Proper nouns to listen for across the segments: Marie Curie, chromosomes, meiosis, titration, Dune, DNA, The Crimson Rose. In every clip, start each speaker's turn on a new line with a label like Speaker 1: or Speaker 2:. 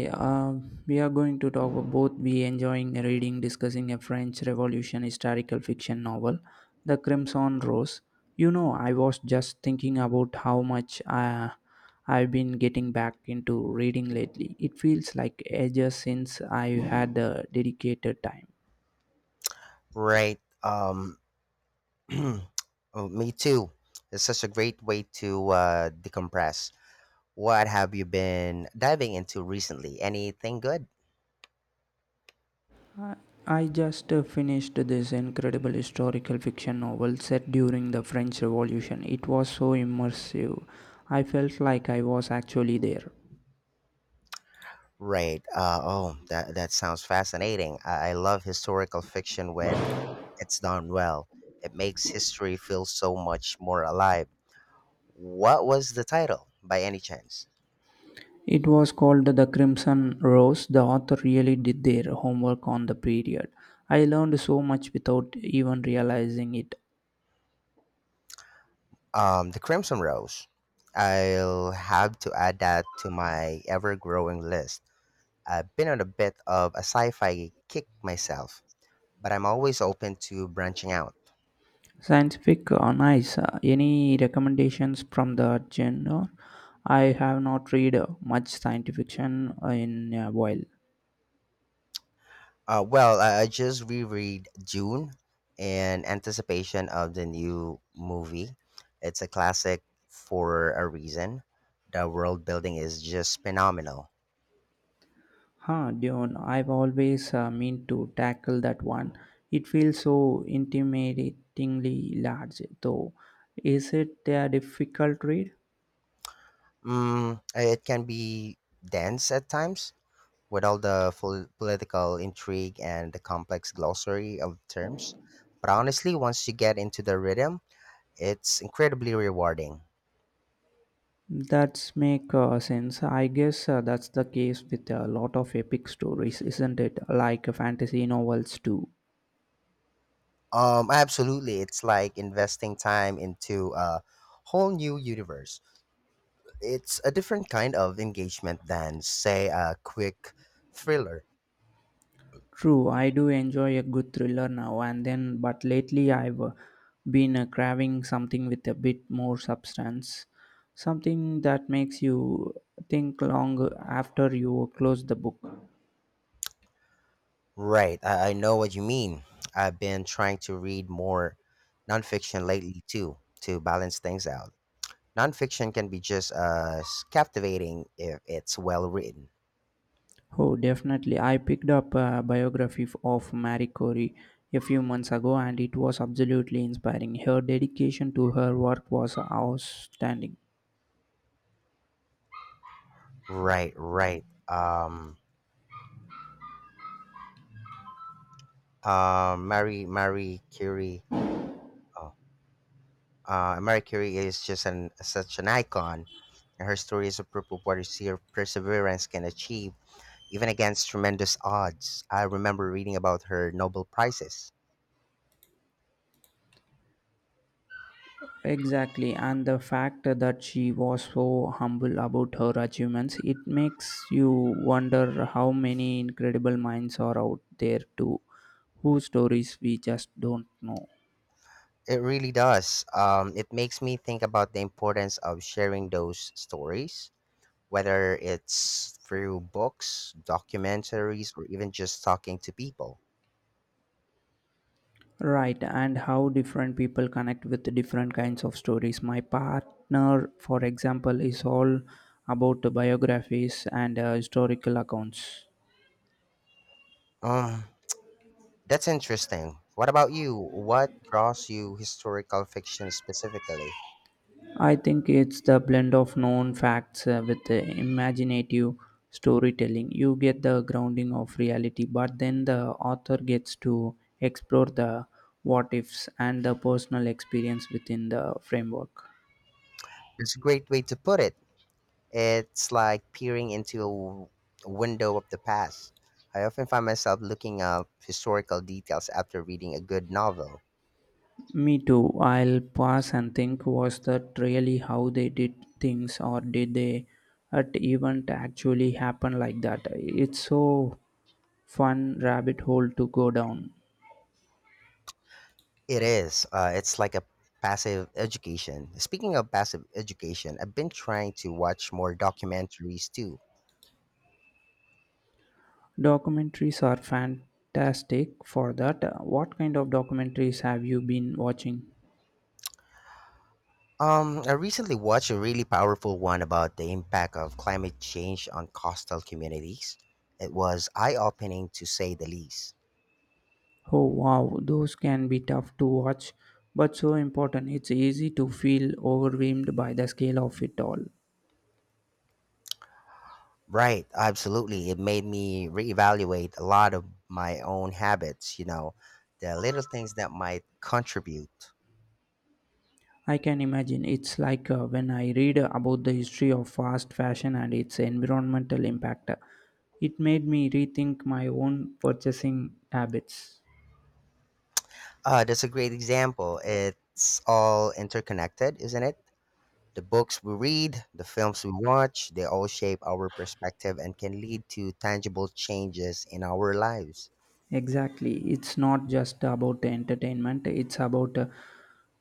Speaker 1: Yeah, um, we are going to talk about both be enjoying reading, discussing a French Revolution historical fiction novel, The Crimson Rose. You know, I was just thinking about how much I've been getting back into reading lately. It feels like ages since I had a dedicated time.
Speaker 2: Right. Oh, me too. It's such a great way to decompress. What have you been diving into recently? Anything good?
Speaker 1: I just finished this incredible historical fiction novel set during the French Revolution. It was so immersive. I felt like I was actually there.
Speaker 2: Right. Oh, that sounds fascinating. I love historical fiction when it's done well. It makes history feel so much more alive. What was the title, by any chance?
Speaker 1: It was called "The Crimson Rose." The author really did their homework on the period. I learned so much without even realizing it.
Speaker 2: The Crimson Rose. I'll have to add that to my ever-growing list. I've been on a bit of a sci-fi kick myself, but I'm always open to branching out.
Speaker 1: Scientific on ice. Any recommendations from the genre? I have not read much science fiction in a while.
Speaker 2: Well, I just reread *Dune* in anticipation of the new movie. It's a classic for a reason. The world building is just phenomenal.
Speaker 1: Huh, Dune. I've always meant to tackle that one. It feels so intimidatingly large, though. Is it a difficult read?
Speaker 2: Mm, it can be dense at times with all the full political intrigue and the complex glossary of terms. But honestly, once you get into the rhythm, it's incredibly rewarding.
Speaker 1: That's make sense. I guess that's the case with a lot of epic stories, isn't it? Like fantasy novels too.
Speaker 2: Absolutely. It's like investing time into a whole new universe. It's a different kind of engagement than, say, a quick thriller.
Speaker 1: True, I do enjoy a good thriller now and then, but lately I've been craving something with a bit more substance, something that makes you think long after you close the book.
Speaker 2: Right. I know what you mean. I've been trying to read more nonfiction lately, too, to balance things out. Nonfiction can be just as captivating if it's well written.
Speaker 1: Oh, definitely. I picked up a biography of Marie Curie a few months ago, and it was absolutely inspiring. Her dedication to her work was outstanding.
Speaker 2: Right, right. Marie Curie. Oh, Marie Curie is just an such an icon. And her story is a proof of what sheer perseverance can achieve, even against tremendous odds. I remember reading about her Nobel prizes.
Speaker 1: Exactly, and the fact that she was so humble about her achievements, it makes you wonder how many incredible minds are out there too, whose stories we just don't know.
Speaker 2: It really does. It makes me think about the importance of sharing those stories whether it's through books, documentaries, or even just talking to people.
Speaker 1: Right, and how different people connect with different kinds of stories. My partner, for example, is all about the biographies and historical accounts.
Speaker 2: Um, that's interesting. What about you? What draws you historical fiction specifically?
Speaker 1: I think it's the blend of known facts with the imaginative storytelling. You get the grounding of reality, but then the author gets to explore the what ifs and the personal experience within the framework.
Speaker 2: It's a great way to put it. It's like peering into a window of the past. I often find myself looking up historical details after reading a good novel.
Speaker 1: Me too. I'll pause and think, was that really how they did things, or did they at event actually happen like that? It's so fun rabbit hole to go down.
Speaker 2: It is. It's like a passive education. Speaking of passive education, I've been trying to watch more documentaries too.
Speaker 1: Documentaries are fantastic for that. What kind of documentaries have you been watching?
Speaker 2: I recently watched a really powerful one about the impact of climate change on coastal communities. It was eye-opening to say the least.
Speaker 1: Oh wow, those can be tough to watch, but so important. It's easy to feel overwhelmed by the scale of it all.
Speaker 2: Right, absolutely. It made me reevaluate a lot of my own habits, you know, the little things that might contribute.
Speaker 1: I can imagine. It's like when I read about the history of fast fashion and its environmental impact. It made me rethink my own purchasing habits.
Speaker 2: That's a great example. It's all interconnected, isn't it? The books we read, the films we watch, they all shape our perspective and can lead to tangible changes in our lives.
Speaker 1: Exactly. It's not just about the entertainment, it's about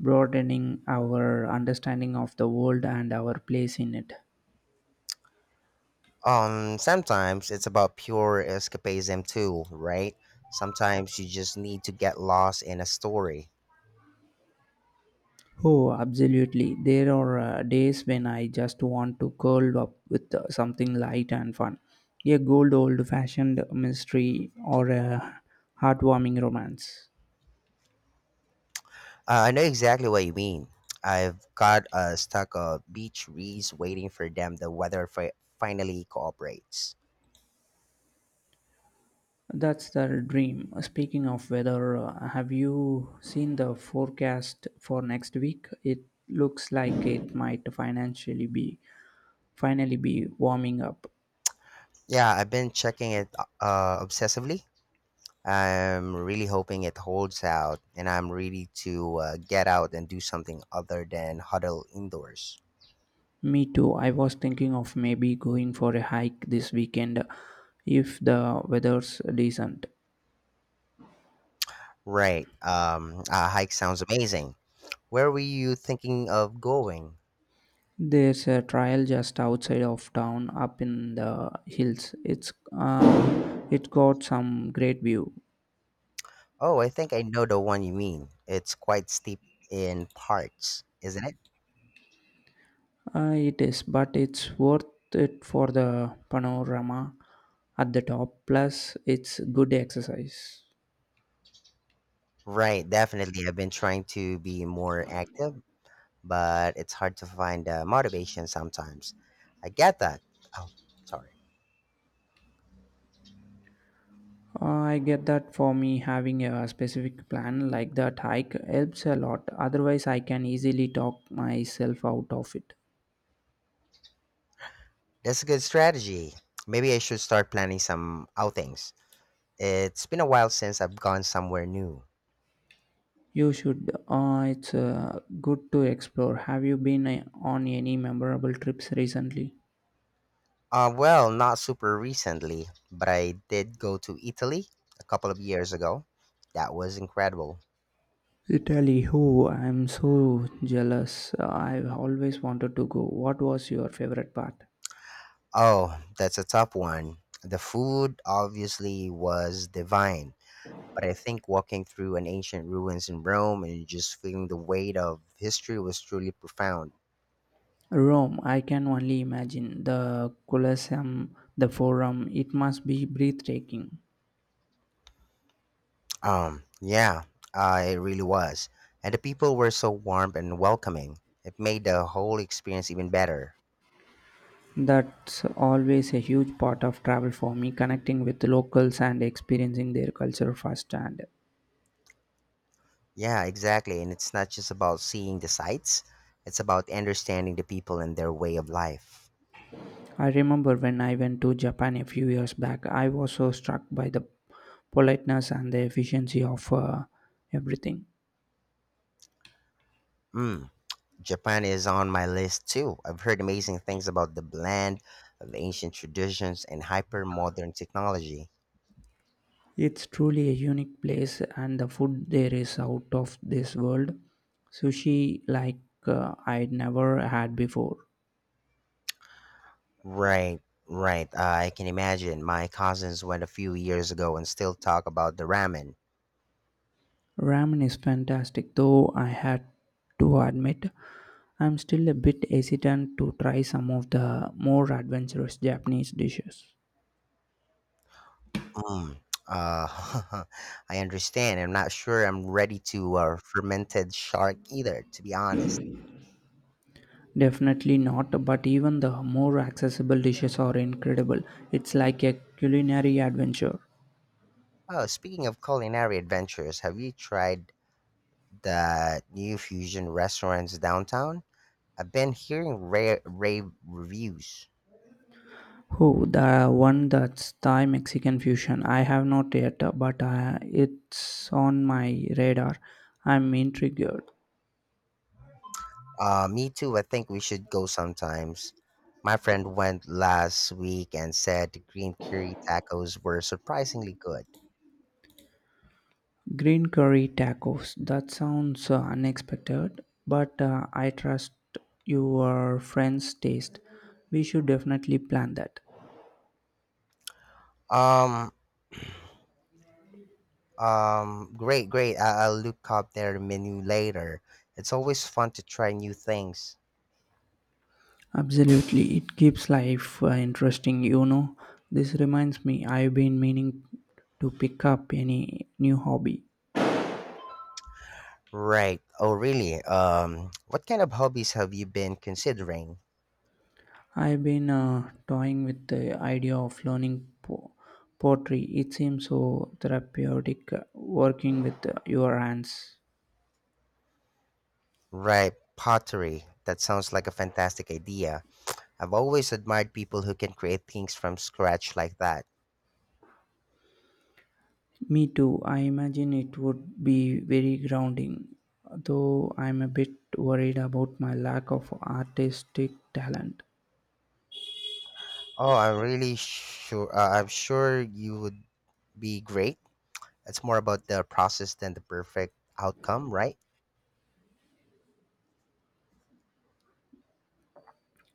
Speaker 1: broadening our understanding of the world and our place in it.
Speaker 2: Sometimes it's about pure escapism too, right? Sometimes you just need to get lost in a story.
Speaker 1: Oh, absolutely. There are days when I just want to curl up with something light and fun. A good old fashioned mystery or a heartwarming romance.
Speaker 2: I know exactly what you mean. I've got a stack of beach reads waiting for them. The weather finally cooperates.
Speaker 1: That's the dream. Speaking of weather, have you seen the forecast for next week? It looks like it might financially be finally be warming up.
Speaker 2: Yeah, I've been checking it obsessively. I'm really hoping it holds out, and I'm ready to get out and do something other than huddle indoors.
Speaker 1: Me too. I was thinking of maybe going for a hike this weekend if the weather's decent.
Speaker 2: Right. A hike sounds amazing. Where were you thinking of going?
Speaker 1: There's a trail just outside of town up in the hills. It's it got some great view.
Speaker 2: Oh, I think I know the one you mean. It's quite steep in parts, isn't it?
Speaker 1: It is, but it's worth it for the panorama at the top. Plus, it's good exercise.
Speaker 2: Right, definitely. I've been trying to be more active, but it's hard to find motivation sometimes. I get that. Oh, sorry.
Speaker 1: I get that. For me, having a specific plan like that hike helps a lot. Otherwise, I can easily talk myself out of it.
Speaker 2: That's a good strategy. Maybe I should start planning some outings. It's been a while since I've gone somewhere new.
Speaker 1: You should. It's good to explore. Have you been on any memorable trips recently?
Speaker 2: Well, not super recently, but I did go to Italy a couple of years ago. That was incredible.
Speaker 1: Italy, who I'm so jealous. I've always wanted to go. What was your favorite part?
Speaker 2: Oh, that's a tough one. The food obviously was divine, but I think walking through an ancient ruins in Rome and just feeling the weight of history was truly profound.
Speaker 1: Rome, I can only imagine. The Colosseum, the Forum, it must be breathtaking.
Speaker 2: Yeah, it really was. And the people were so warm and welcoming. It made the whole experience even better.
Speaker 1: That's always a huge part of travel for me, connecting with locals and experiencing their culture firsthand.
Speaker 2: Yeah, exactly. And it's not just about seeing the sights, it's about understanding the people and their way of life.
Speaker 1: I remember when I went to Japan a few years back, I was so struck by the politeness and the efficiency of everything.
Speaker 2: Mm. Japan is on my list too. I've heard amazing things about the blend of ancient traditions and hyper modern technology.
Speaker 1: It's truly a unique place, and the food there is out of this world. Sushi, like I'd never had before.
Speaker 2: Right, right. I can imagine. My cousins went a few years ago and still talk about the ramen.
Speaker 1: Ramen is fantastic, though I had to admit I'm still a bit hesitant to try some of the more adventurous Japanese dishes.
Speaker 2: Mm. Uh, I understand. I'm not sure I'm ready to fermented shark either, to be honest.
Speaker 1: Definitely not, but even the more accessible dishes are incredible. It's like a culinary adventure.
Speaker 2: Oh, speaking of culinary adventures, have you tried the new fusion restaurants downtown? I've been hearing rare rave reviews.
Speaker 1: Oh, the one that's Thai Mexican fusion. I have not yet, but it's on my radar. I'm intrigued.
Speaker 2: Me too. I think we should go sometimes. My friend went last week and said the green curry tacos were surprisingly good.
Speaker 1: Green curry tacos. That sounds unexpected, but I trust your friend's taste. We should definitely plan that.
Speaker 2: Um, great. I'll look up their menu later. It's always fun to try new things.
Speaker 1: Absolutely, it keeps life interesting. You know, this reminds me, I've been meaning to pick up any new hobby.
Speaker 2: Right. Oh, really? What kind of hobbies have you been considering?
Speaker 1: I've been toying with the idea of learning pottery. It seems so therapeutic working with your hands.
Speaker 2: Right, pottery. That sounds like a fantastic idea. I've always admired people who can create things from scratch like that.
Speaker 1: Me too. I imagine it would be very grounding, though I'm a bit worried about my lack of artistic talent.
Speaker 2: Oh, I'm really sure. I'm sure you would be great. It's more about the process than the perfect outcome, right?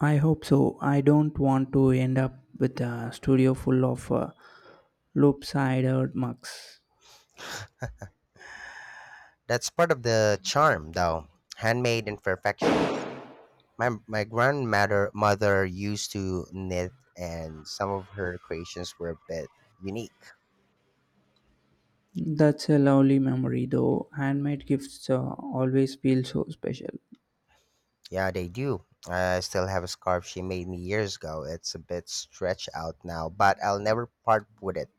Speaker 1: I hope so. I don't want to end up with a studio full of loop-sided mugs.
Speaker 2: That's part of the charm, though. Handmade imperfections. My grandmother mother used to knit, and some of her creations were a bit unique.
Speaker 1: That's a lovely memory, though. Handmade gifts always feel so special.
Speaker 2: Yeah, they do. I still have a scarf she made me years ago. It's a bit stretched out now, but I'll never part with it.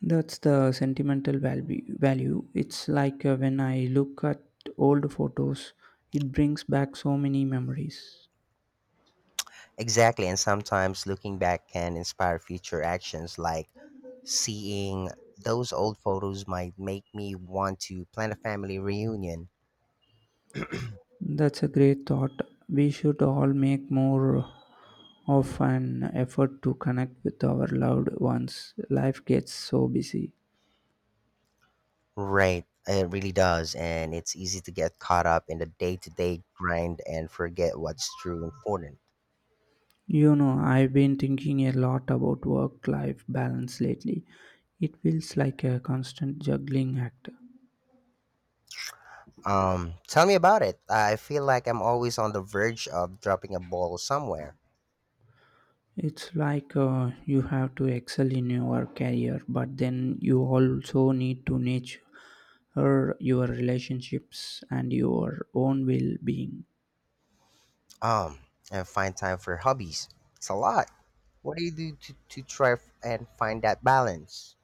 Speaker 1: That's the sentimental value. It's like when I look at old photos, it brings back so many memories.
Speaker 2: Exactly, and sometimes looking back can inspire future actions like seeing those old photos might make me want to plan a family reunion.
Speaker 1: That's a great thought. We should all make more of an effort to connect with our loved ones. Life gets so busy.
Speaker 2: Right, it really does, and it's easy to get caught up in the day-to-day grind and forget what's true important.
Speaker 1: You know, I've been thinking a lot about work life balance lately. It feels like a constant juggling act.
Speaker 2: Tell me about it. I feel like I'm always on the verge of dropping a ball somewhere.
Speaker 1: It's like you have to excel in your career, but then you also need to nurture your relationships and your own well being.
Speaker 2: Um, and find time for hobbies. It's a lot. What do you do to try and find that balance?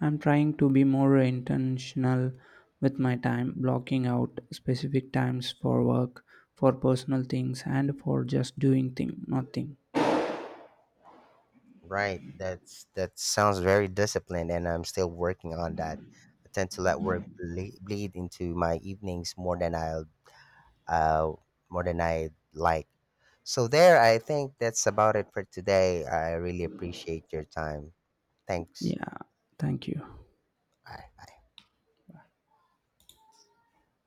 Speaker 1: I'm trying to be more intentional with my time, blocking out specific times for work, for personal things, and for just nothing.
Speaker 2: Right. That sounds very disciplined, and I'm still working on that. I tend to let work bleed into my evenings more than I'll uh, more than I like. So there, I think that's about it for today. I really appreciate your time. Thanks.
Speaker 1: Yeah, thank you.
Speaker 2: Bye. Bye.